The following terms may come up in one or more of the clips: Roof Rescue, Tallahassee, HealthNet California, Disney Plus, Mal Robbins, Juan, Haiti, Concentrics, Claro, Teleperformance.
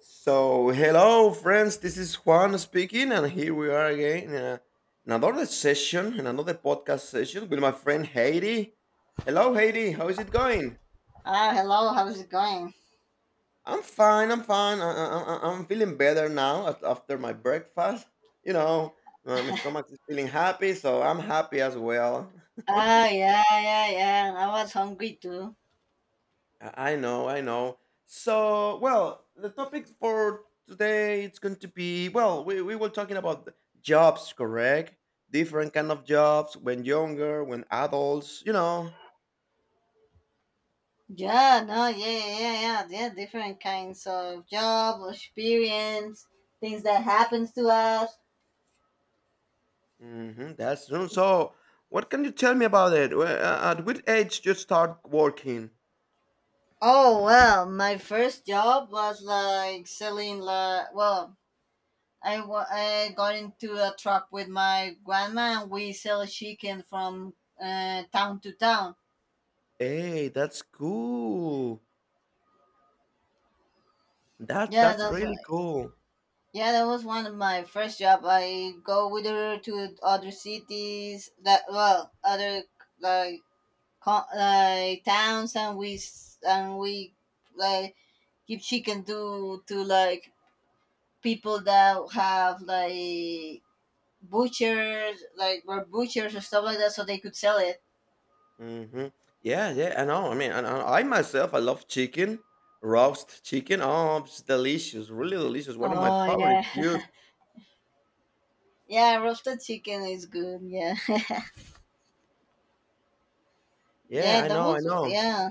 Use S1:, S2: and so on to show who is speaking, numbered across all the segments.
S1: So, hello, friends. This is Juan speaking, and here we are again in another session, in another podcast session with my friend Haiti. Hello, Haiti. How is it going?
S2: Hello, how's it going?
S1: I'm fine. I'm fine. I'm feeling better now after my breakfast. You know, my stomach is feeling happy, so I'm happy as well.
S2: Yeah, yeah, yeah. I was hungry too.
S1: I know, I know. So, well, the topic for today it's going to be well, we were talking about jobs, correct? Different kind of jobs when younger, when adults, you know.
S2: Yeah, no, yeah, yeah, yeah. Yeah, different kinds of job, experience, things that happens to us.
S1: hmm That's true. So, what can you tell me about it? At what age you start working?
S2: Oh well, my first job was like selling like well, I got into a truck with my grandma, and we sell chicken from town to town.
S1: Hey, that's cool. That's
S2: Yeah,
S1: that's
S2: that's
S1: really
S2: right.
S1: cool.
S2: Yeah, that was one of my first job. I go with her to other cities that well, other like like towns, and we like give chicken to like people that have like butchers, like were butchers or stuff like that, so they could sell it.
S1: Mhm. Yeah, yeah, I know. I mean, and I myself, I love chicken, roast chicken. Oh, it's delicious, really delicious. One of my
S2: Oh
S1: favorite
S2: yeah,
S1: foods.
S2: yeah, roasted chicken is good. Yeah, yeah,
S1: Yeah, I
S2: that
S1: know, I
S2: was
S1: know.
S2: yeah.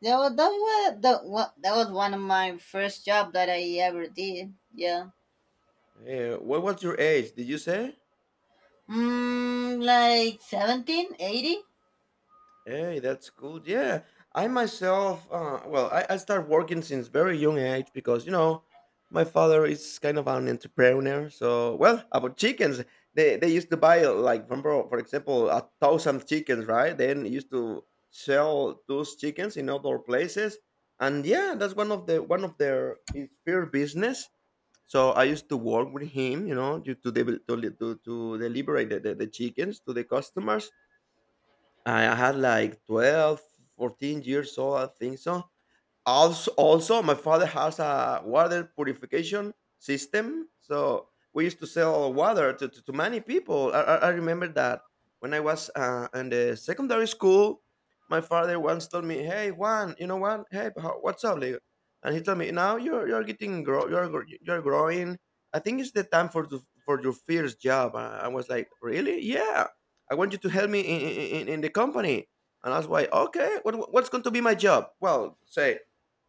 S2: Yeah, well, that was one of my first job that I ever did. Yeah.
S1: Yeah. What was your age? Did you say?
S2: Like 17, 80.
S1: Hey, that's good. Yeah, I myself, well, I started working since very young age because, you know, my father is kind of an entrepreneur. So, well, about chickens, they used to buy, like, remember, for example, 1,000 chickens, right? Then used to sell those chickens in other places. And yeah, that's one of the one of their his first business. So I used to work with him, you know, to deliberate the chickens to the customers. I had like 12, 14 years old, I think so. Also, also, my father has a water purification system, so we used to sell water to many people. I remember that when I was in the secondary school, my father once told me, "Hey Juan, you know what? Hey, how, what's up, Leo?" And he told me, "Now you're getting grow, you're growing. I think it's the time for your first job." I was like, "Really? Yeah. I want you to help me in the company." And I was like, okay, what's going to be my job? Well, say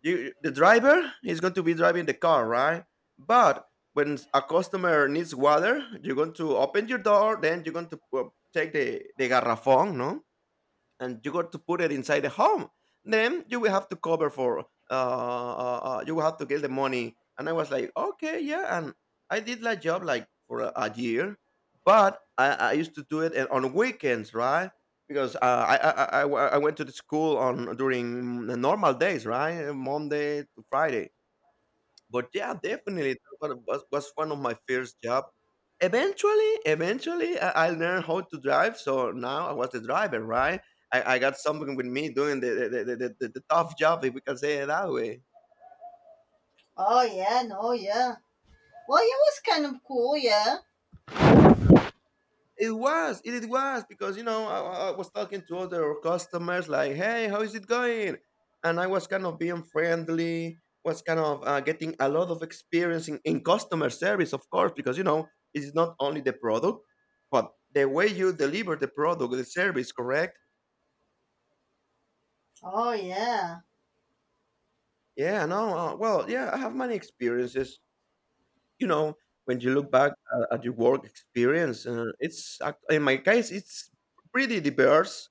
S1: you the driver is going to be driving the car, right? But when a customer needs water, you're going to open your door, then you're going to take the garrafón, no, and you got to put it inside the home. Then you will have to cover for you will have to get the money. And I was like, okay, yeah. And I did that job like for a year, but I used to do it and on weekends, right? Because I went to the school on during the normal days, right? Monday to Friday. But yeah, definitely that was one of my first job. Eventually, eventually, I learned how to drive. So now I was the driver, right? I got something with me doing the tough job, if we can say it that way.
S2: Oh, yeah, no, yeah. Well, it was kind of cool, yeah.
S1: It was, it was because you know I was talking to other customers like, "Hey, how is it going?" And I was kind of being friendly, was kind of getting a lot of experience in customer service, of course, because you know it's not only the product, but the way you deliver the product, the service, correct?
S2: Oh, yeah.
S1: Yeah, no, well, yeah, I have many experiences, you know, when you look back at your work experience, it's in my case it's pretty diverse.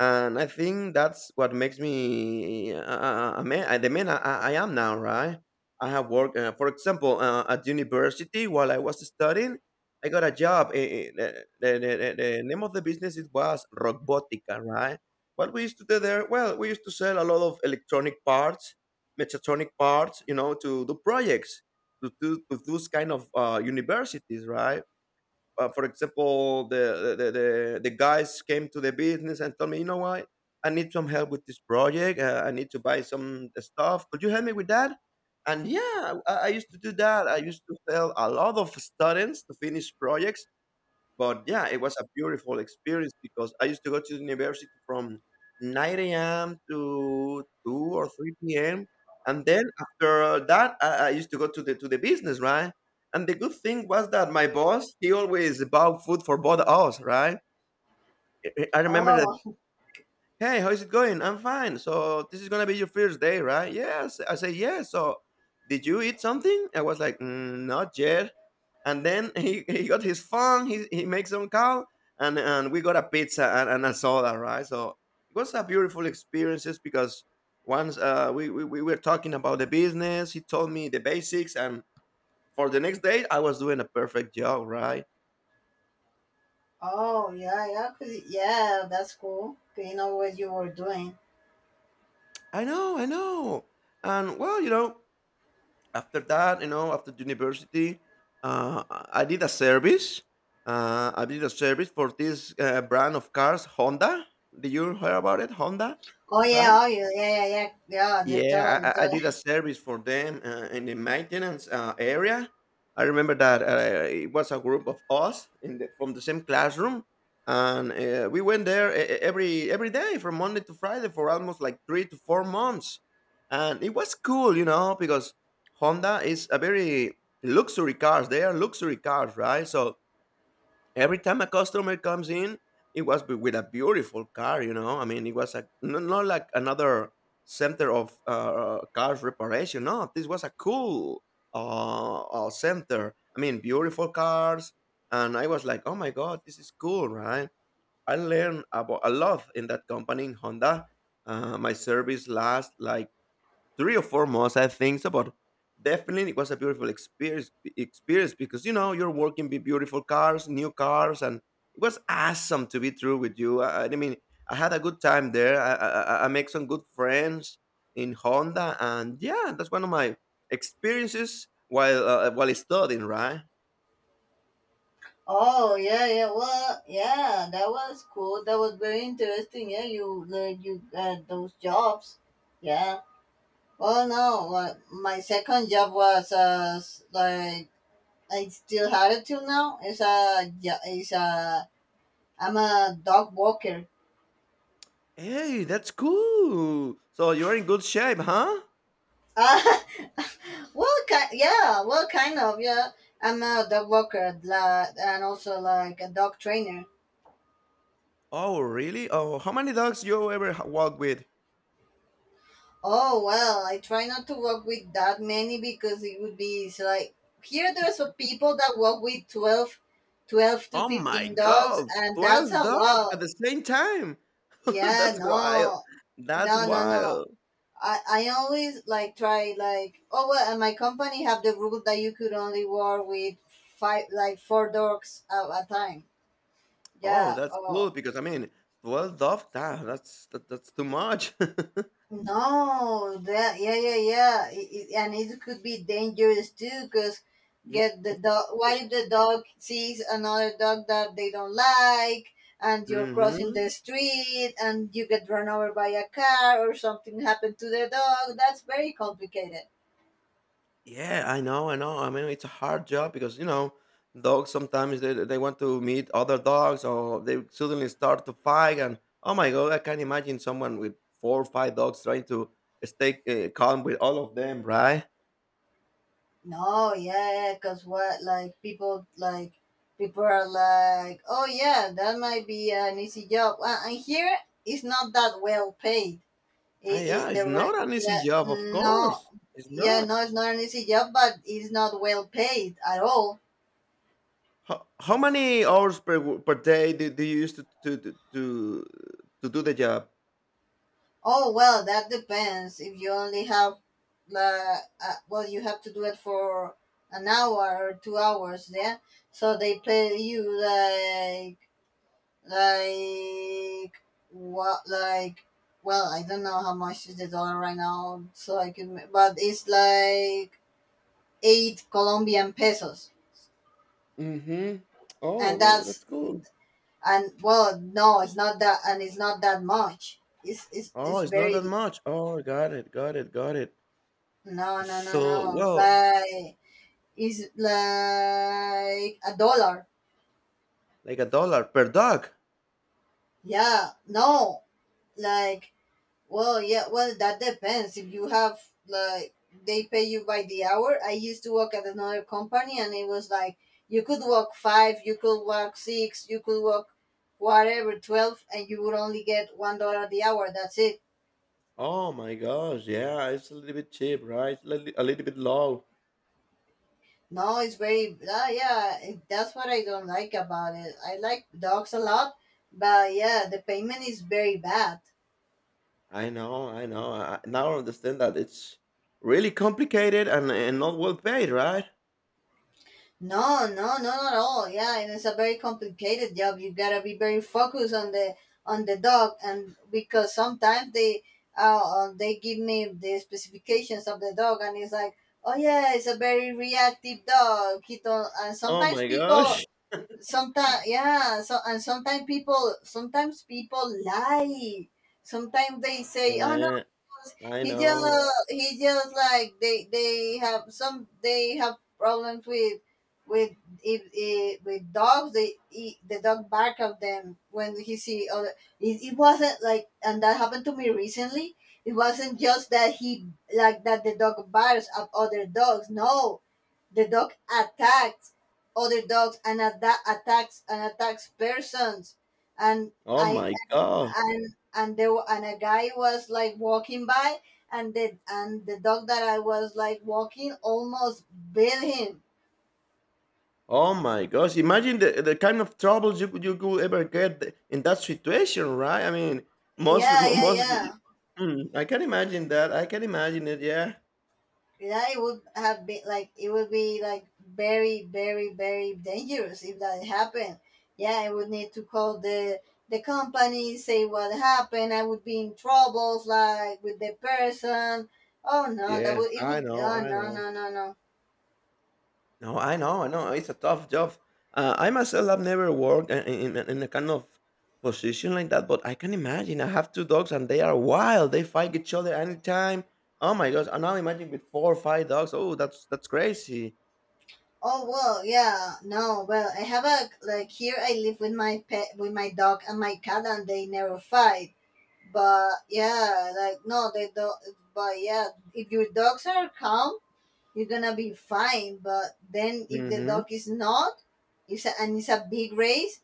S1: And I think that's what makes me a man, the man I am now, right? I have worked, for example, at university while I was studying. I got a job, the name of the business, it was Robotica, right? What we used to do there, well, we used to sell a lot of electronic parts, mechatronic parts, you know, to do projects, to those kind of universities, right? For example, the guys came to the business and told me, you know what, I need some help with this project. I need to buy some stuff. Could you help me with that? And yeah, I used to do that. I used to help a lot of students to finish projects, but yeah, it was a beautiful experience because I used to go to the university from 9 a.m. to 2 or 3 p.m. And then after that, I used to go to the business, right? And the good thing was that my boss, he always bought food for both us, right? I remember,
S2: Oh,
S1: hey, how's it going? I'm fine. So this is gonna be your first day, right? Yes. I say yes. So did you eat something? I was like, mm, not yet. And then he, he got his phone. He makes some call, and we got a pizza and a soda, right? So it was a beautiful experience just because once we were talking about the business, he told me the basics, and for the next day I was doing a perfect job, right?
S2: oh, yeah, yeah. Yeah, that's cool. 'Cause you know what you were doing.
S1: I know, I know. And well, you know. After that, you know, after university, I did a service. I did a service for this brand of cars, Honda. Did you hear about it, Honda?
S2: Oh,
S1: Right?
S2: yeah, oh, yeah, yeah, yeah, yeah. Yeah, they
S1: Yeah,
S2: totally,
S1: I
S2: totally.
S1: did a service for them in the maintenance area. I remember that it was a group of us in the, from the same classroom, and we went there every day from Monday to Friday for almost like 3 to 4 months, and it was cool, you know, because Honda is a very luxury cars. They are luxury cars, right? So every time a customer comes in, it was with a beautiful car, you know, I mean, it was a not like another center of cars reparation, no, this was a cool uh, center, I mean, beautiful cars. And I was like, oh my god, this is cool, right? I learned about a lot in that company, in Honda. My service last like 3 or 4 months, I think. So, but definitely it was a beautiful experience, experience, because you know you're working with beautiful cars, new cars. And it was awesome to be through with you. I mean, I had a good time there. I make some good friends in Honda. And yeah, that's one of my experiences while studying, right?
S2: Oh, yeah, yeah. Well, yeah, that was cool. That was very interesting. Yeah, you got those jobs. Yeah. Well, no, like, my second job was, like, I still had it till now. It's a jo- it's a I'm a dog walker.
S1: Hey, that's cool. So you're in good shape, huh?
S2: Ah, well, yeah, well, kind of, yeah. I'm a dog walker, like, and also like a dog trainer.
S1: Oh really, oh how many dogs you ever walk with?
S2: Oh well, I try not to walk with that many because it would be it's like here there's a people that walk with twelve to
S1: Oh my
S2: 15 dogs,
S1: god,
S2: and that's
S1: 12
S2: a
S1: dog at
S2: lot.
S1: the same time.
S2: Yeah,
S1: That's wild.
S2: no,
S1: That's
S2: no, no, no.
S1: wild.
S2: I always like try like oh well, and my company have the rule that you could only work with five, like, four dogs at a time.
S1: Oh,
S2: Yeah.
S1: that's
S2: Oh
S1: cool because I mean, 12 dog, that's too much.
S2: no. That, yeah, yeah, yeah. And it could be dangerous too because
S1: Yeah.
S2: get the dog. What if the dog sees another dog that they don't like, and you're crossing
S1: Mm-hmm.
S2: the street, and you get run over by a car or something happened to the dog? That's very complicated.
S1: Yeah, I know, I know. I mean, it's a hard job because you know, dogs sometimes they want to meet other dogs or they suddenly start to fight, and oh my god, I can't imagine someone with 4 or 5 dogs trying to stay calm with all of them, right?
S2: No, yeah, because what, like, people are like, oh, yeah, that might be an easy job. And here, it's not that well paid. It,
S1: Ah, yeah, it's not an easy
S2: yeah,
S1: job, of
S2: no,
S1: course. It's
S2: yeah,
S1: not.
S2: no, it's not an easy job, but it's not well paid at all.
S1: How many hours per, per day do, do you use to do the job?
S2: Oh, well, that depends. If you only have, uh, well, you have to do it for an hour or 2 hours, yeah? So they pay you, like what? Like well, I don't know how much is the dollar right now, so I can. But it's like 8 Colombian pesos,
S1: Mm-hmm. Oh,
S2: and
S1: well,
S2: that's,
S1: that's cool.
S2: and well, no, it's not that, and it's not that much. It's it's
S1: Oh,
S2: it's
S1: it's not that
S2: very.
S1: much. Oh, got it, got it, got it.
S2: No, no, no, no.
S1: So,
S2: It's
S1: well,
S2: like it's like a dollar.
S1: like a dollar per dog.
S2: Yeah, no, like, well, yeah, well, that depends. If you have, like, they pay you by the hour. I used to work at another company, and it was like you could walk 5, you could walk 6, you could walk whatever 12, and you would only get $1 the hour. That's it.
S1: Oh my gosh, yeah, it's a little bit cheap, right? A little bit low.
S2: No, it's very, yeah, that's what I don't like about it. I like dogs a lot, but yeah, the payment is very bad.
S1: I know, I know. I now understand that it's really complicated and not well paid, right?
S2: No, no, no, not at all. Yeah, and it's a very complicated job. You gotta be very focused on the dog, and because sometimes uh they give me the specifications of the dog, and it's like, oh yeah, it's a very reactive dog. He don't, and
S1: Oh
S2: sometimes
S1: my gosh.
S2: people, sometimes yeah, so and sometimes people lie. Sometimes they say, oh,
S1: Yeah, I
S2: he
S1: know.
S2: just he just like they have problems with if with dogs they he, the dog bark at them when he see other. It wasn't like, and that happened to me recently. It wasn't just that he like that the dog barks at other dogs, no, the dog attacks other dogs, and at that attacks and attacks persons. And
S1: Oh
S2: I
S1: my god.
S2: and there wa- and a guy was like walking by, and the dog that I was like walking almost bit him.
S1: Oh my gosh. Imagine the kind of troubles you could ever get in that situation, right? I mean, most
S2: Yeah,
S1: mo-
S2: yeah,
S1: most y-
S2: yeah.
S1: y- mm, I can imagine that. I can imagine it, yeah.
S2: Yeah, it would have been like it would be like very, very, very dangerous if that happened. Yeah, I would need to call the company, say what happened. I would be in troubles, like, with the person. Oh no, that
S1: Yes,
S2: would, it
S1: I
S2: would.
S1: know,
S2: Oh,
S1: I
S2: no,
S1: know.
S2: no, no, no.
S1: No, I know, I know. It's a tough job. I myself have never worked in a kind of position like that, but I can imagine. I have 2 dogs and they are wild. They fight each other anytime. Oh my gosh! And now imagine with 4 or 5 dogs. Oh, that's crazy.
S2: Oh well, yeah, no, well, I have a like here I live with my pet, with my dog and my cat, and they never fight. But yeah, like, no, they don't. But yeah, if your dogs are calm, you're gonna be fine. But then if the
S1: hmm
S2: dog is not, it's a big race,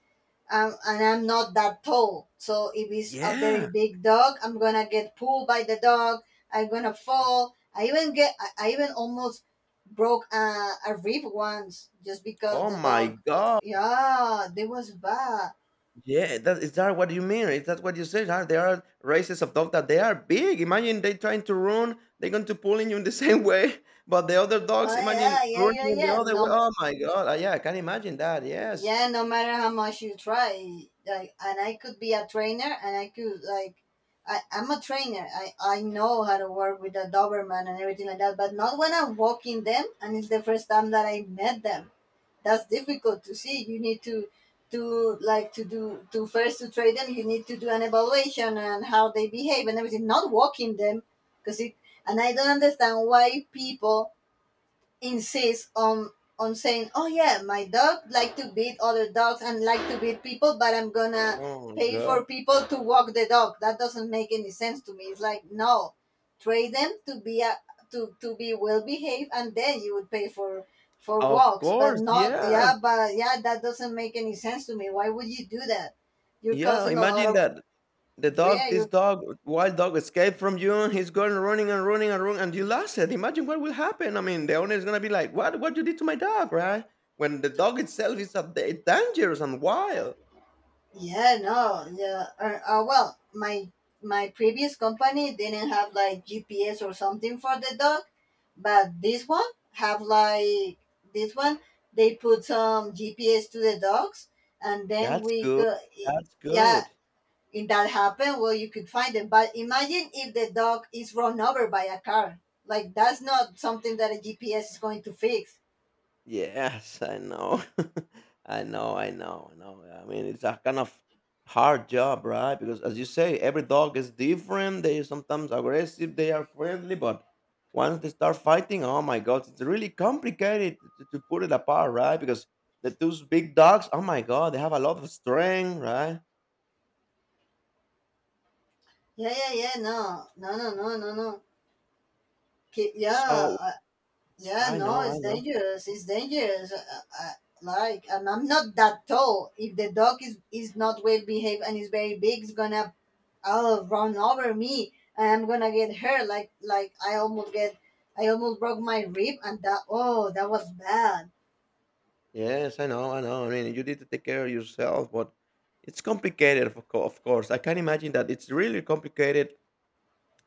S2: and I'm not that tall. So if it's a very
S1: Yeah.
S2: big dog, I'm gonna get pulled by the dog. I'm gonna fall. I even almost broke a rib once just because
S1: Oh
S2: the
S1: my
S2: dog.
S1: god.
S2: Yeah, that was bad.
S1: Yeah, that is that what you mean? Is that what you said? Huh? There are races of dogs that they are big. Imagine they trying to run, they're going to pull in you in the same way. But the other
S2: Oh
S1: dogs, imagine
S2: yeah, yeah, yeah,
S1: running in the
S2: yeah.
S1: other way.
S2: No,
S1: Oh my god! Yeah, I can imagine that. Yes.
S2: yeah, no matter how much you try, like, and I could be a trainer, and I'm a trainer. I know how to work with a doberman and everything like that, but not when I'm walking them, and it's the first time that I met them. That's difficult to see. You need to like to do to first to train them. You need to do an evaluation and how they behave and everything, not walking them, because it and I don't understand why people insists on saying, "Oh yeah, my dog like to beat other dogs and like to beat people, but I'm gonna
S1: Oh
S2: pay for
S1: god.
S2: people to walk the dog." That doesn't make any sense to me. It's like, no, train them to be well behaved, and then you would pay for
S1: Of
S2: walks, but
S1: course.
S2: not, yeah,
S1: Yes.
S2: but yeah, that doesn't make any sense to me. Why would you do that? You're
S1: Yeah.
S2: causing a lot
S1: Imagine
S2: of,
S1: that the
S2: yeah,
S1: dog, this
S2: you're.
S1: dog, wild dog, escaped from you. And He's going running and running and running, and you lost it. Imagine what will happen. I mean, the owner is gonna be like, "What? What you did to my dog?" Right? When the dog itself is a, dangerous and wild.
S2: Yeah, no, yeah. Well, my previous company didn't have like GPS or something for the dog, but this one have, like, this one. They put some GPS to the dogs, and then
S1: That's
S2: we
S1: good.
S2: could,
S1: That's
S2: yeah,
S1: good.
S2: if that happened, well, you could find them. But imagine if the dog is run over by a car. Like, that's not something that a GPS is going to fix.
S1: Yes, I know. I know, I know, I know. I mean, it's a kind of hard job, right? Because as you say, every dog is different. They are sometimes aggressive, they are friendly, but once they start fighting, oh my God, it's really complicated to put it apart, right? Because the two big dogs, oh my God, they have a lot of strength, right?
S2: Yeah, yeah, yeah. No, no, no, no, no, no.
S1: So
S2: Yeah, yeah,
S1: I
S2: no,
S1: know, I
S2: it's
S1: know.
S2: dangerous. It's dangerous. Like, and I'm not that tall. If the dog is not well behaved and is very big, it's gonna, oh, run over me, and I'm gonna get hurt. Like, I almost broke my rib, and that, oh, that was bad.
S1: Yes, I know, I know. I mean, you need to take care of yourself, but it's complicated, of course. I can imagine that it's really complicated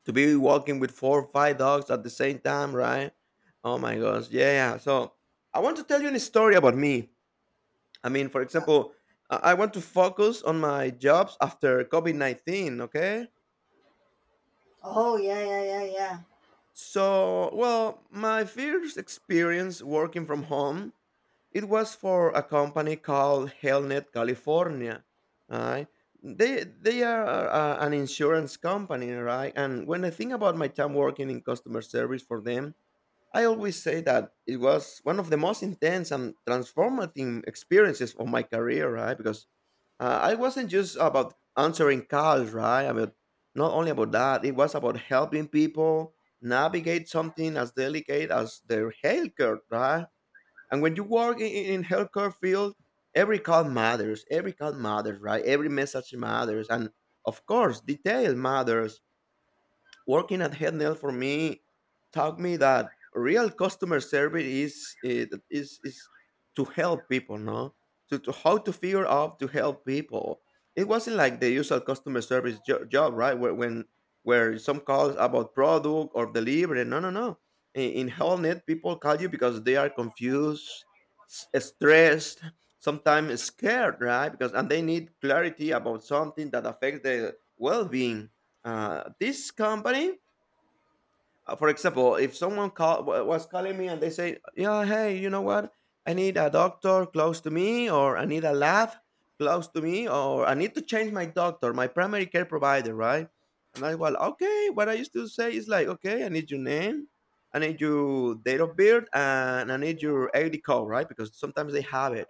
S1: to be walking with four or five dogs at the same time, right? Oh my gosh, yeah, yeah. So I want to tell you a story about me. I mean, for example, I want to focus on my jobs after COVID 19, okay?
S2: Oh, yeah, yeah, yeah, yeah,
S1: So, well, my first experience working from home, it was for a company called HealthNet California, right? They are an insurance company, right? And when I think about my time working in customer service for them, I always say that it was one of the most intense and transformative experiences of my career, right? Because I wasn't just about answering calls, right? I mean, not only about that, it was about helping people navigate something as delicate as their healthcare, right? And when you work in healthcare field, every call matters. Every call matters, right? Every message matters, and of course, detail matters working at Headnail for me taught me that real customer service is to help people, no? To How to figure out to help people. It wasn't like the usual customer service job, right? Where when where some calls about product or delivery. No, no, no. In HellNet, people call you because they are confused, stressed, sometimes scared, right? Because and they need clarity about something that affects their well-being. This company, for example, if someone was calling me and they say, "Yeah, hey, you know what? I need a doctor close to me, or I need a lab close to me, or I need to change my doctor, my primary care provider, right?" And I, well, okay. What I used to say is like, okay, I need your name, I need your date of birth, and I need your ID code, right? Because sometimes they have it.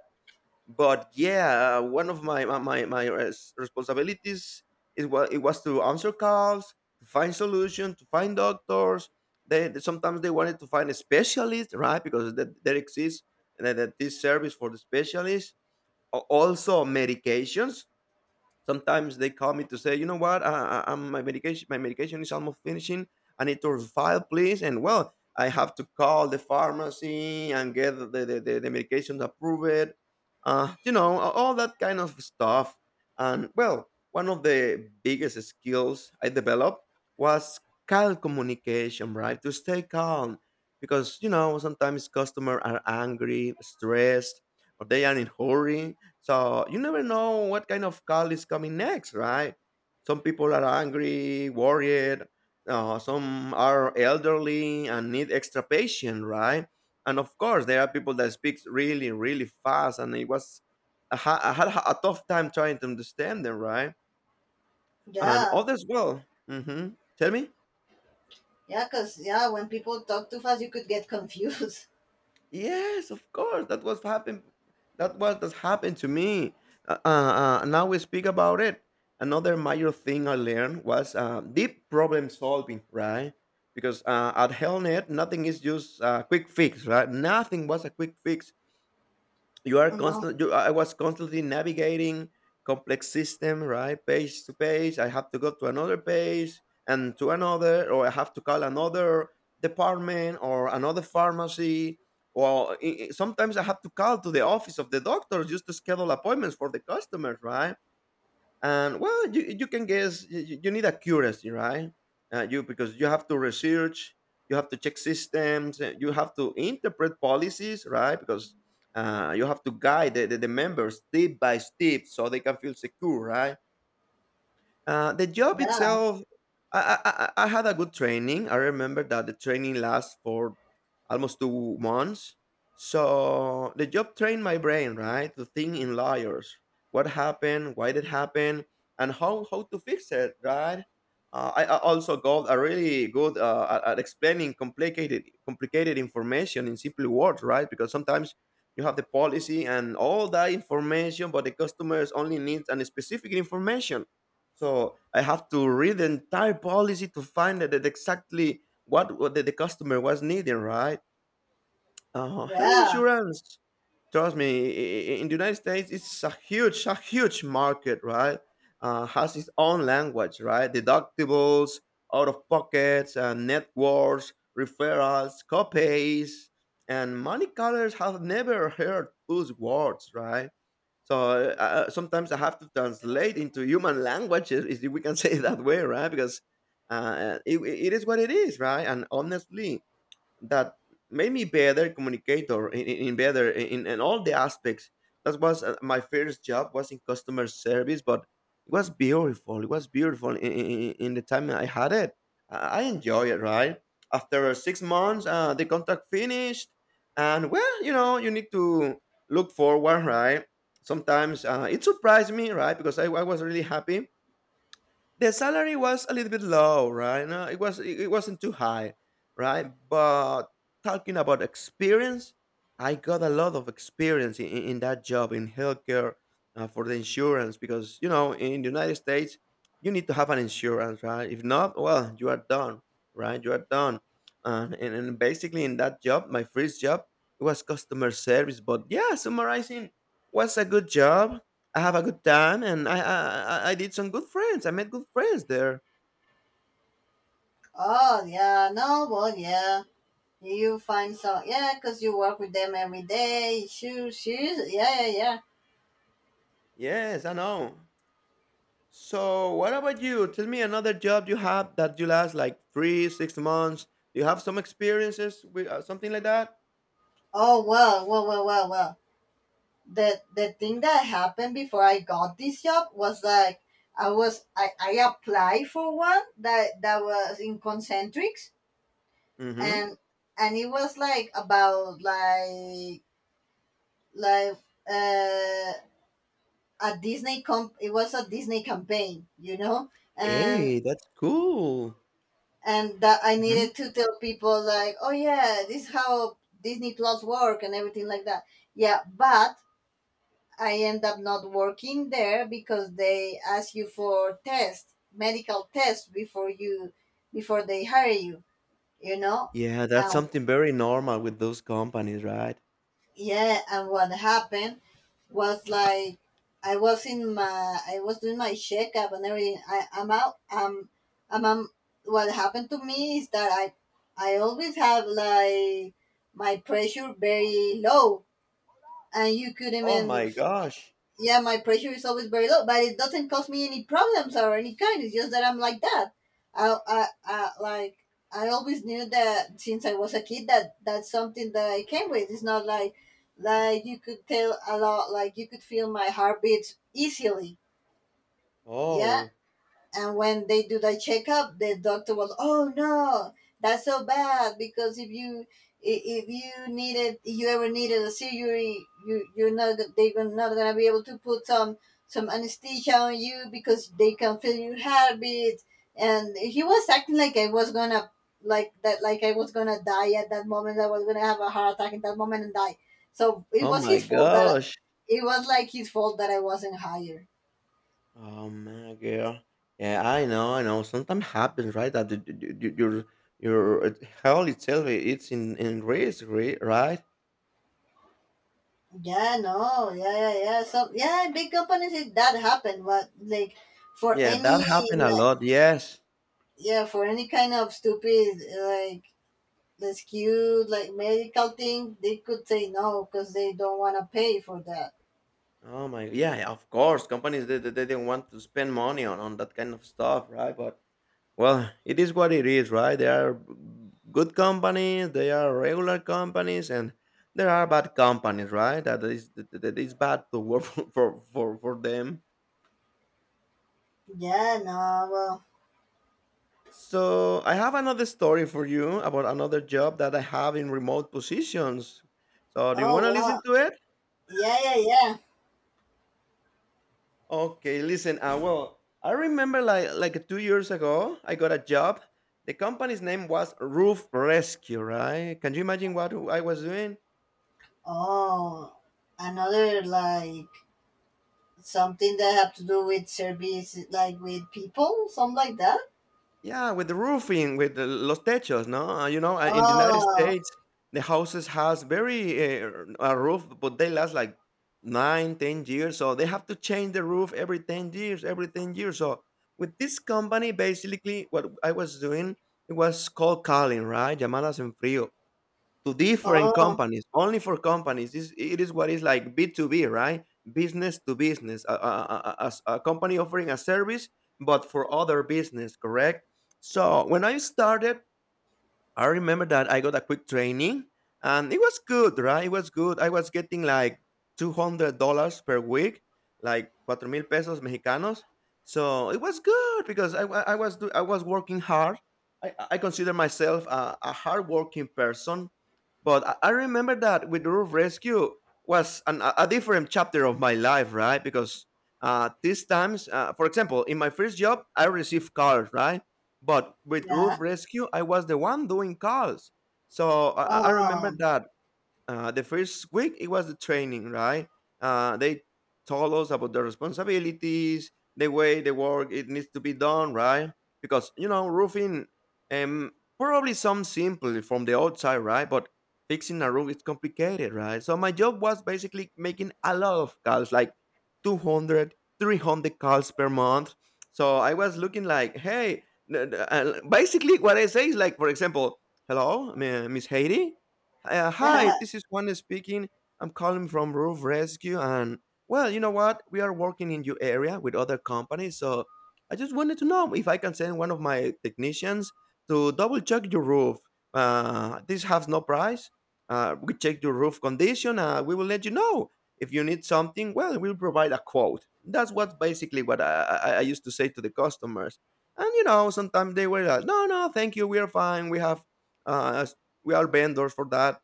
S1: But yeah, one of my responsibilities is, what it was, to answer calls, to find solutions, to find doctors. Sometimes they wanted to find a specialist, right? Because that there exists that, that this service for the specialist. Also medications. Sometimes they call me to say, you know what, my medication is almost finishing. I need to file, please. And well, I have to call the pharmacy and get the medication to approve it. You know, all that kind of stuff. And well, one of the biggest skills I developed was calm communication, right? To stay calm, because you know, sometimes customers are angry, stressed, or they are in hurry, so you never know what kind of call is coming next, right? Some people are angry, worried. Some are elderly and need extra patience, right? And of course, there are people that speak really, really fast, and it was, I had a tough time trying to understand them, right? And
S2: yeah,
S1: others, well, hmm, tell me.
S2: yeah. Cause yeah, when people talk too fast, you could get confused.
S1: Yes, of course. That was happened. That's happened to me. Now we speak about it. Another major thing I learned was deep problem solving, right? Because at Hellnet, nothing is just a quick fix, right? Nothing was a quick fix. you are
S2: No,
S1: constant you, i was constantly navigating complex system, right? Page to page, I have to go to another page and to another, or I have to call another department or another pharmacy, or sometimes I have to call to the office of the doctor just to schedule appointments for the customers, right? And well, you can guess, you need accuracy, right? You, because you have to research, you have to check systems, you have to interpret policies, right? Because you have to guide the members step by step so they can feel secure, right? The job
S2: yeah,
S1: itself, I had a good training. I remember that the training lasts for almost 2 months. So the job trained my brain, right, to think in layers. What happened? Why did it happen? And how to fix it, right? I also got a really good at explaining complicated information in simple words, right? Because sometimes you have the policy and all that information, but the customers only needs a specific information, so I have to read the entire policy to find out that exactly what, the customer was needing, right? Health
S2: yeah.
S1: insurance, trust me, in the United States, it's a huge market, right? Has its own language, right? Deductibles, out of pockets, networks, referrals, copays, and money callers have never heard those words, right? So, sometimes I have to translate into human languages, if we can say it that way, right? Because it is what it is, right? And honestly, that made me better communicator, in all the aspects. That was my first job was in customer service. But it was beautiful, it was beautiful in, in the time I had it. I enjoy it, right? After 6 months, the contract finished, and well, you know, you need to look forward, right? Sometimes it surprised me, right? Because I was really happy. The salary was a little bit low, right? No, it it wasn't too high, right? But talking about experience, I got a lot of experience in that job in healthcare, for the insurance. Because you know, in the United States, you need to have an insurance, right? If not, well, you are done, right? You are done. And basically in that job, my first job, it was customer service. But yeah, summarizing, was a good job. I have a good time, and I did some good friends. I met good friends there.
S2: Oh, yeah. No, well, yeah. You find, so yeah, cause you work with them every day. Shoes, shoes, yeah, yeah, yeah.
S1: Yes, I know. So what about you? Tell me another job you have that you last like 3 6 months. Do you have some experiences with something like that?
S2: Oh well, well, well, well, well. The thing that happened before I got this job was like I applied for one that that was in concentrics,
S1: Mm-hmm.
S2: and and it was like about like uh a Disney comp it was a Disney campaign, you know? And
S1: Hey, that's cool.
S2: and that I
S1: Hmm.
S2: needed to tell people like, oh yeah, this is how Disney Plus work and everything like that. Yeah, but I end up not working there because they ask you for tests, medical tests before they hire you. You know,
S1: Yeah, that's
S2: and
S1: something very normal with those companies, right?
S2: yeah, and what happened was like I was doing my checkup and everything. I, I'm out I'm, I What happened to me is that I always have like my pressure very low, and you could
S1: Oh
S2: even.
S1: my gosh.
S2: Yeah, my pressure is always very low, but it doesn't cause me any problems or any kind. It's just that I'm like that. I, I, I like I always knew that, since I was a kid, that that's something that I came with. It's not like you could tell a lot, like you could feel my heartbeats easily. Yeah,
S1: Oh.
S2: and when they do the checkup, the doctor was, "Oh no, that's so bad because if you ever needed a surgery, you're not gonna be able to put some anesthesia on you because they can feel your heartbeat." And he was acting like I was gonna die at that moment. I was gonna have a heart attack in that moment and die. So it
S1: Oh
S2: was
S1: my
S2: his fault that
S1: gosh.
S2: it was like his fault that I wasn't hired.
S1: Oh my girl. Yeah, I know, I know. Sometimes happens, right? That your health itself, it's in risk, right?
S2: Yeah, no, yeah, yeah, yeah. So yeah, big companies it that happen, but like for
S1: Yeah,
S2: any
S1: that happened a
S2: like
S1: lot. Yes.
S2: yeah, for any kind of stupid the skewed like medical thing, they could say no because they don't want to pay for that.
S1: Oh my. Yeah, of course. Companies, they didn't want to spend money on that kind of stuff, right? But well, it is what it is, right? There are good companies, there are regular companies, and there are bad companies, right? That is that that is bad to work for for them.
S2: Yeah, no, well,
S1: So I have another story for you about another job that I have in remote positions. So do you
S2: oh
S1: want to
S2: wow,
S1: listen to it?
S2: yeah, yeah, yeah.
S1: Okay, listen. Well, I remember like 2 years ago, I got a job. The company's name was Roof Rescue, right? Can you imagine what I was doing?
S2: Oh, another like something that have to do with service, like with people, something like that.
S1: Yeah, with the roofing, with the los techos, no? You know, in the United
S2: Oh,
S1: States, the houses has very a roof, but they last like nine, 10 years. So they have to change the roof every 10 years, every 10 years. So with this company, basically, what I was doing, it was cold calling, right? Llamadas en frío to different
S2: oh,
S1: companies, only for companies. This it is what is like B2B, right? Business to business, a company offering a service but for other business, correct? So when I started, I remember that I got a quick training and it was good, right? It was good. I was getting like $200 per week, like cuatro mil pesos mexicanos. So it was good because I was working hard. I consider myself a hardworking person. But I remember that with Roof Rescue a different chapter of my life, right? Because these times, for example, in my first job, I received calls, right? But with
S2: yeah,
S1: Roof Rescue, I was the one doing calls. So I remember
S2: oh.
S1: that the first week it was the training, right? They told us about the responsibilities, the way the work it needs to be done, right? Because you know, roofing, um, probably some simple from the outside, right? But fixing a roof is complicated, right? So my job was basically making a lot of calls, like 200, 300 calls per month. So I was looking like, hey, basically what I say is like, for example, hello, Miss Haiti. Hi, this is Juan speaking. I'm calling from Roof Rescue, and, well, you know what? We are working in your area with other companies, so I just wanted to know if I can send one of my technicians to double check your roof. This has no price. We check your roof condition. We will let you know if you need something. Well, we'll provide a quote. That's what basically what I used to say to the customers. And you know, sometimes they were like, "No, no, thank you. We are fine. We have." uh, we are vendors for that.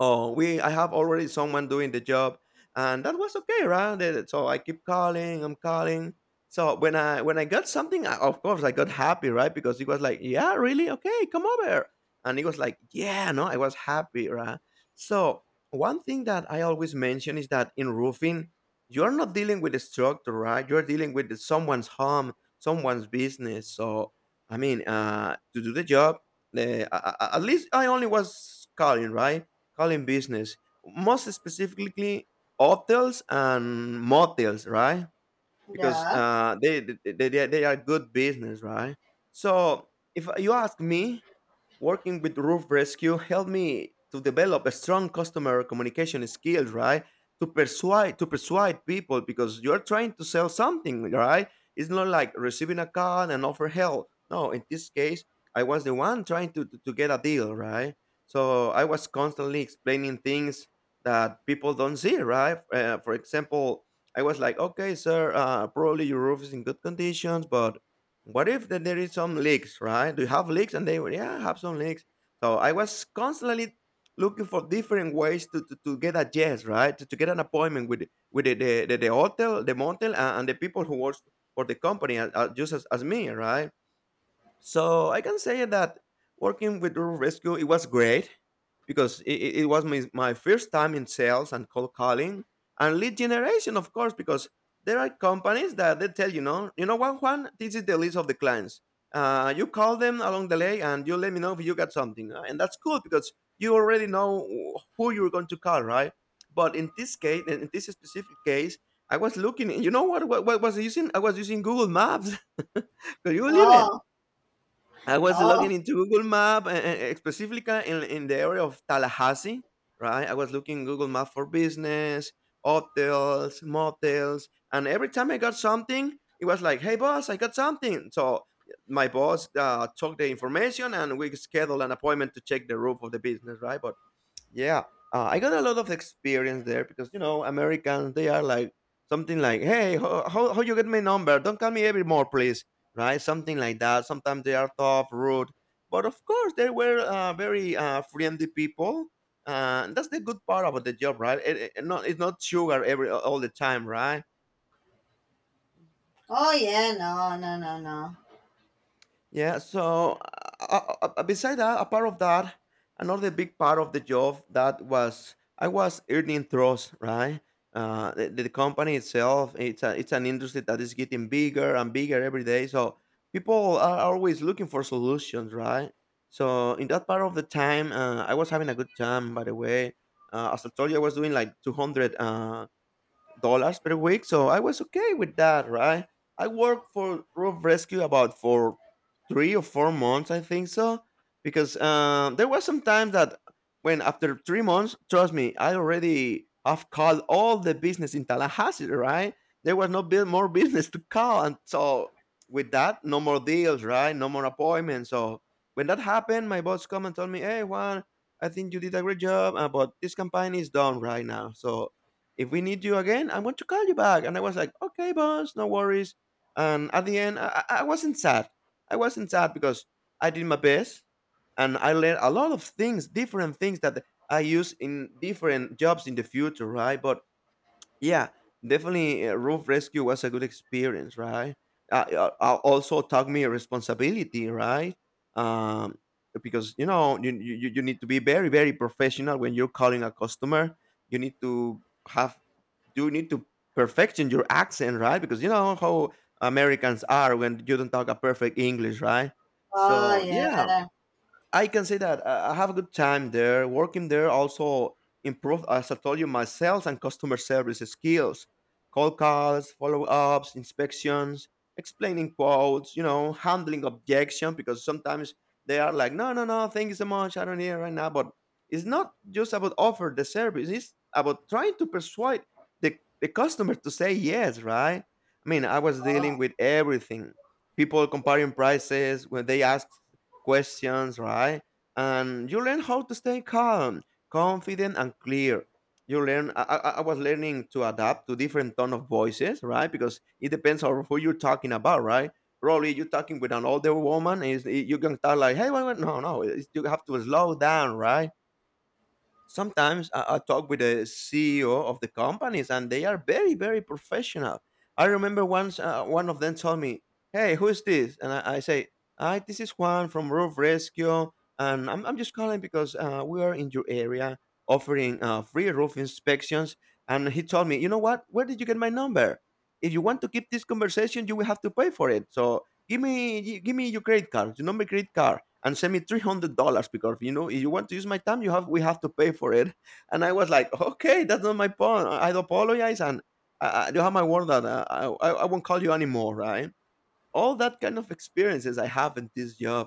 S1: Oh, we, I have already someone doing the job. And that was okay, right? So I keep calling, I'm calling. So when I got something, of course I got happy, right? Because it was like, yeah, really? Okay, come over. And it was like, yeah, no, I was happy, right? So one thing that I always mention is that in roofing, you're not dealing with a structure, right? You're dealing with someone's home, someone's business. So I mean, to do the job, at least I only was calling, right? Calling business, most specifically hotels and motels, right? Because
S2: Yeah.
S1: they are good business, right? So if you ask me, working with Roof Rescue helped me to develop a strong customer communication skills, right? To persuade people because you're trying to sell something, right? It's not like receiving a call and offer help. No, in this case, I was the one trying to, to get a deal, right? So I was constantly explaining things that people don't see, right? For example, I was like, okay, sir, probably your roof is in good conditions, but what if that there is some leaks, right? Do you have leaks? And they were, yeah, I have some leaks. So I was constantly looking for different ways to, to get a yes, right? To get an appointment with the, hotel, the motel, and the people who works for the company, just as me, right? So I can say that working with Rural Rescue, it was great because it was my, my first time in sales and cold calling and lead generation, of course, because there are companies that they tell you know what, Juan, this is the list of the clients. You call them along the way and you let me know if you got something. And that's cool because you already know who you're going to call, right? But in this case, in this specific case, I was looking, you know what, what was I using? I was using Google Maps. Could you believe
S2: Oh,
S1: I was
S2: oh,
S1: logging into Google Map, and specifically in the area of Tallahassee, right? I was looking Google Map for business, hotels, motels, and every time I got something, it was like, "Hey, boss, I got something." So my boss took the information, and we scheduled an appointment to check the roof of the business, right? But yeah, I got a lot of experience there because you know Americans, they are like something like, "Hey, how, how you get my number? Don't call me evermore, please." Right, something like that. Sometimes they are tough, rude, but of course they were very friendly people. And that's the good part about the job, right? It's not sugar every all the time, right?
S2: oh, yeah. No, no, no, no.
S1: Yeah, so beside that, a part of that, another big part of the job that was I was earning trust, right? The company itself, it's a, it's an industry that is getting bigger and bigger every day. So people are always looking for solutions, right? So in that part of the time, I was having a good time. By the way, as I told you, I was doing like $200 per week, so I was okay with that, right? I worked for Roof Rescue about for 3 or 4 months, I think so, because there was some time that when after 3 months, trust me, I already have called all the business in Tallahassee, right? There was no more business to call, and so with that, no more deals, right? No more appointments. So when that happened, my boss come and told me, "Hey, Juan, I think you did a great job, but this campaign is done right now, so if we need you again, I'm going to call you back." And I was like, okay, boss, no worries. And at the end, I wasn't sad. I wasn't sad because I did my best and I learned a lot of things, different things that I use in different jobs in the future, right? But yeah, definitely roof rescue was a good experience, right? Also taught me responsibility, right? Um, because you know, you you need to be very very professional when you're calling a customer. You need to have, you need to perfection your accent, right? Because you know how Americans are when you don't talk a perfect English, right?
S2: Oh,
S1: So
S2: yeah.
S1: yeah, I can say that I have a good time there. Working there also improved, as I told you, my sales and customer service skills, cold calls, follow ups, inspections, explaining quotes, you know, handling objection because sometimes they are like, no, no, no, thank you so much. I don't need it right now. But it's not just about offer the service. It's about trying to persuade the, the customer to say yes, right? I mean, I was
S2: Oh,
S1: dealing with everything. People comparing prices when they ask questions, right? And you learn how to stay calm, confident, and clear. You learn. I was learning to adapt to different tone of voices, right? Because it depends on who you're talking about, right? Probably you're talking with an older woman, and it's- you can start like, "Hey, wait, wait, no, no, it's- you have to slow down, right?" Sometimes I talk with the CEO of the companies, and they are very, very professional. I remember once one of them told me, "Hey, who is this?" And I say, "Hi, this is Juan from Roof Rescue, and I'm just calling because we are in your area offering free roof inspections." And he told me, "You know what? Where did you get my number? If you want to keep this conversation, you will have to pay for it. So." Give me your credit card, your number, credit card, and send me $300 because you know if you want to use my time, you have, we have to pay for it. And I was like, okay, that's not my point. I apologize, and you have my word that I won't call you anymore, right? All that kind of experiences I have in this job,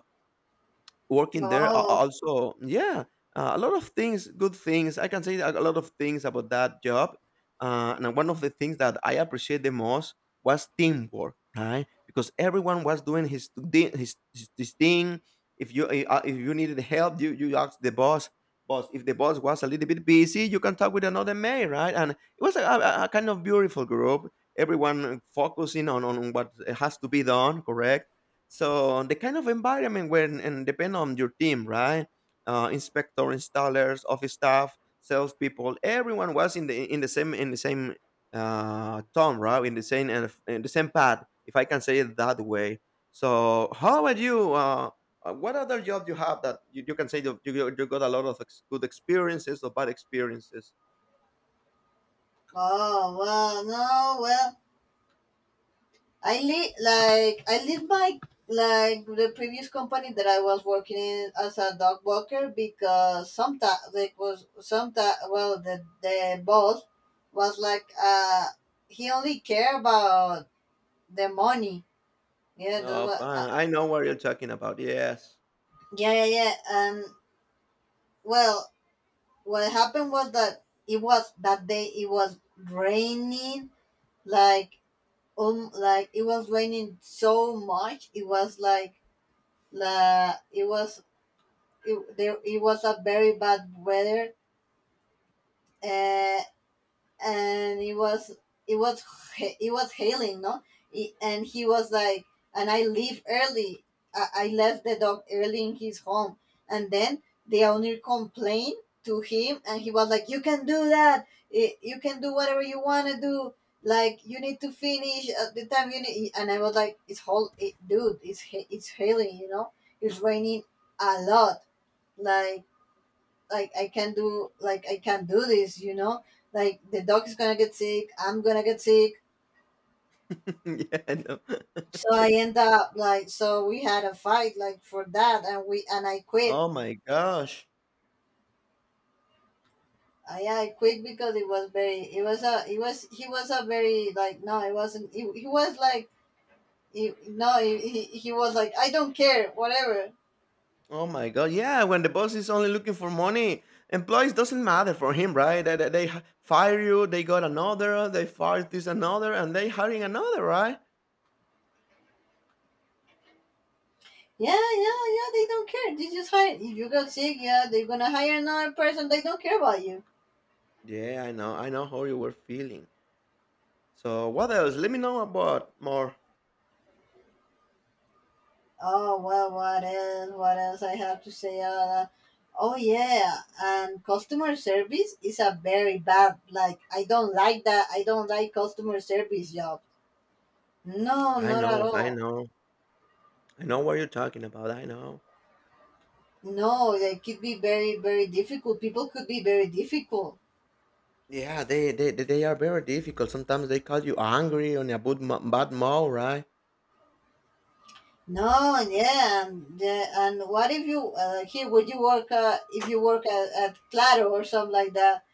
S1: working there
S2: oh,
S1: also, yeah, a lot of things, good things I can say, a lot of things about that job. And one of the things that I appreciate the most was teamwork, right? Because everyone was doing his thing. If you if you needed help, you asked the boss. If the boss was a little bit busy, you can talk with another man, right? And it was a kind of beautiful group, everyone focusing on what has to be done, correct? So the kind of environment where and depend on your team, right? Inspector, installers, office staff, salespeople, everyone was in the in the same tone, right? In the same, and in the same path, if I can say it that way. So how about you? What other job you have that you, can say you got a lot of good experiences or bad experiences?
S2: oh. Well, no. Well, I leave my like the previous company that I was working in as a dog walker because sometimes like was sometimes well the boss was like he only care about the money. Yeah, that's
S1: Oh,
S2: what.
S1: fine. I know what you're talking about. Yes.
S2: Yeah, yeah, yeah. And well, what happened was that it was that day it was raining, like it was raining so much. It was like la it was it, there it was a very bad weather. uh, and it was it was hailing. No, and he was like, and I leave early. I left the dog early in his home, and then the owner complained to him, and he was like, "You can do that, you can do whatever you want to do, like you need to finish at the time you need." And I was like, "It's dude, it's hailing, you know? It's raining a lot. Like like I can't do I can't do this, you know? Like the dog is gonna get sick, I'm gonna get sick."
S1: yeah, I know.
S2: So I end up like, so we had a fight like for that, and we and I quit.
S1: Oh my gosh.
S2: I quit because it was very it was a it was he was a very like, no, it wasn't, he was like he, no he, he was like, "I don't care whatever."
S1: Oh my god, yeah. When the boss is only looking for money, employees doesn't matter for him, right? They fire you, they got another, they fire this another, and they hiring another, right?
S2: Yeah, yeah, yeah, they don't care. They just hire. If you got sick, yeah, they're gonna hire another person. They don't care about you.
S1: Yeah, I know how you were feeling. So what else? Let me know about more.
S2: Oh well, what else? What else I have to say? Oh yeah, and customer service is a very bad. Like I don't like that. I don't like customer service job. No,
S1: I
S2: not at
S1: know, I
S2: all.
S1: know, I know what you're talking about. I know.
S2: No, they could be very, very difficult. People could be very difficult.
S1: Yeah, they are very difficult. Sometimes they call you angry on a bad mood, right?
S2: No, and yeah, and, yeah, and what if you, here would you work if you work at Claro or something like that?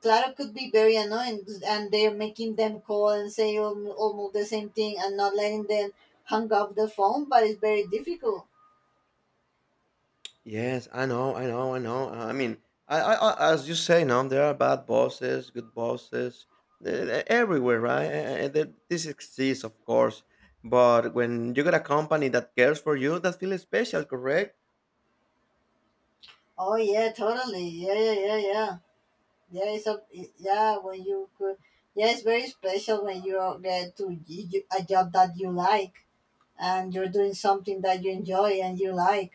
S2: Clara could be very annoying, and they're making them call and say almost the same thing and not letting them hang up the phone, but it's very difficult.
S1: Yes, I know. I mean, I as you say, now there are bad bosses, good bosses, everywhere, right? This exists, of course. But when you got a company that cares for you, that feels special, correct?
S2: Oh yeah, totally. Yeah, yeah, yeah, yeah. Yeah, it's a yeah when you could. Yeah, it's very special when you're there to a job that you like and you're doing something that you enjoy and you like.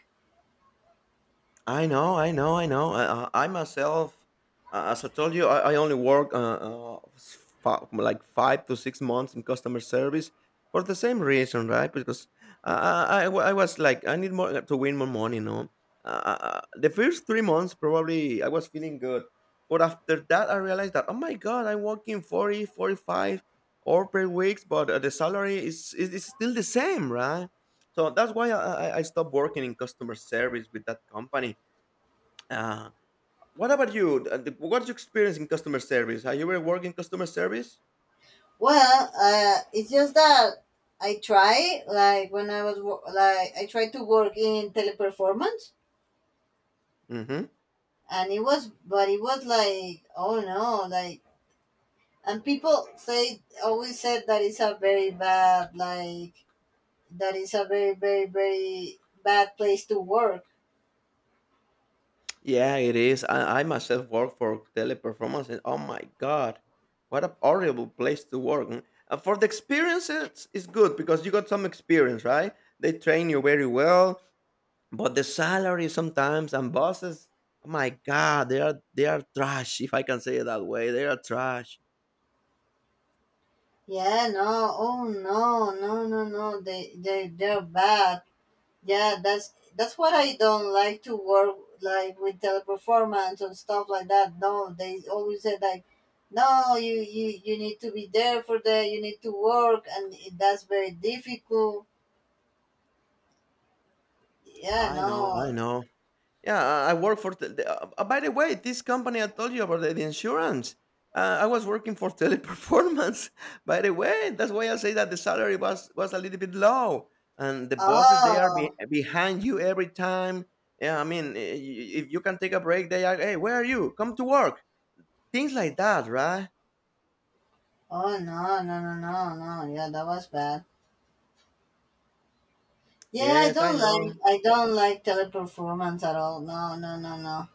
S1: I know. I myself, as I told you, I only work like 5 to 6 months in customer service for the same reason, right? Because I was like, I need more to win more money. No. The first 3 months, probably I was feeling good. But after that, I realized that, oh my God, I'm working 45, 45 or per weeks, but the salary is still the same, right? So that's why I stopped working in customer service with that company. uh, what about you? What's your experience in customer service? Have you ever worked in customer service?
S2: Well, it's just that I try like when I was like I tried to work in teleperformance,
S1: Hmm.
S2: and it was, but it was like, oh no, like, and people say always said that it's a very bad, like that it's a very, very, very bad place to work.
S1: Yeah, it is. I myself work for teleperformance, and oh my god, what a horrible place to work. Mm. For the experience, it's good because you got some experience, right? They train you very well, but the salary sometimes and bosses, oh my god, they are trash. If I can say it that way, they are trash.
S2: Yeah, no, oh no, no, no, no, they they're bad. Yeah, that's what I don't like to work like with teleperformance and stuff like that. No, they always said like, "No, you you need to be there for that. You need to work," and it, that's very difficult. Yeah,
S1: I know, I
S2: no.
S1: know. Yeah, I work for. Tel- the- by the way, this company I told you about, the insurance. I was working for Teleperformance. By the way, that's why I say that the salary was a little bit low, and the bosses
S2: Oh,
S1: behind you every time. Yeah, I mean, if you can take a break, they are. Hey, where are you? Come to work. Things like that, right?
S2: oh no, no, no, no, no. Yeah, that was bad.
S1: Yes, I know.
S2: I don't like teleperformance at all. No, no, no, no,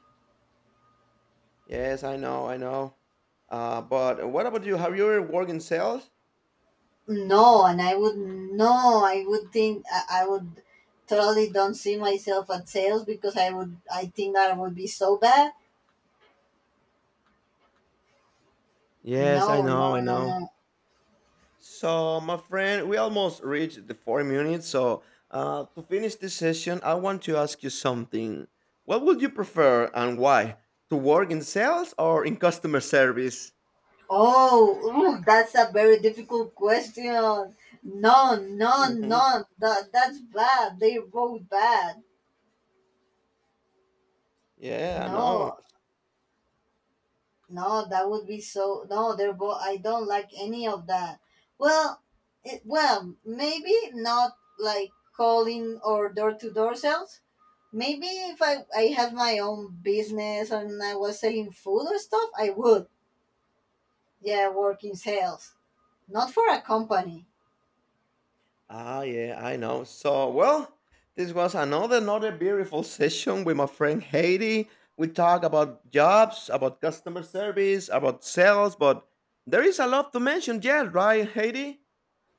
S1: Yes, I know. I know. But what about you? Have you ever worked in sales?
S2: no. And I would, no, I would think, I would totally don't see myself at sales because I would, I think that I would be so bad.
S1: Yes, I
S2: No,
S1: know. I
S2: no, no,
S1: know.
S2: no.
S1: So, my friend, we almost reached the 4 minutes. So, to finish this session, I want to ask you something. What would you prefer and why? To work in sales or in customer service?
S2: Oh, ooh, that's a very difficult question. No, no,
S1: Hmm.
S2: no. That that's bad. They wrote bad.
S1: Yeah, I know.
S2: No, No, that would be so. No, there go. I don't like any of that. Well, well, maybe not like calling or door to door sales. Maybe if I have my own business and I was selling food or stuff, I would. Yeah, work in sales, not for a company.
S1: Ah, yeah, I know. So, well, this was another beautiful session with my friend Haiti. We talk about jobs, about customer service, about sales, but there is a lot to mention yet, right, Haiti?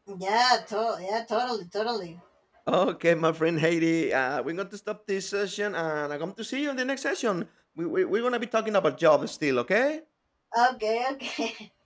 S2: Yeah, yeah, totally, totally.
S1: Okay, my friend Haiti, we're going to stop this session and I'm going to see you in the next session. We're going to be talking about jobs still, okay?
S2: Okay, okay.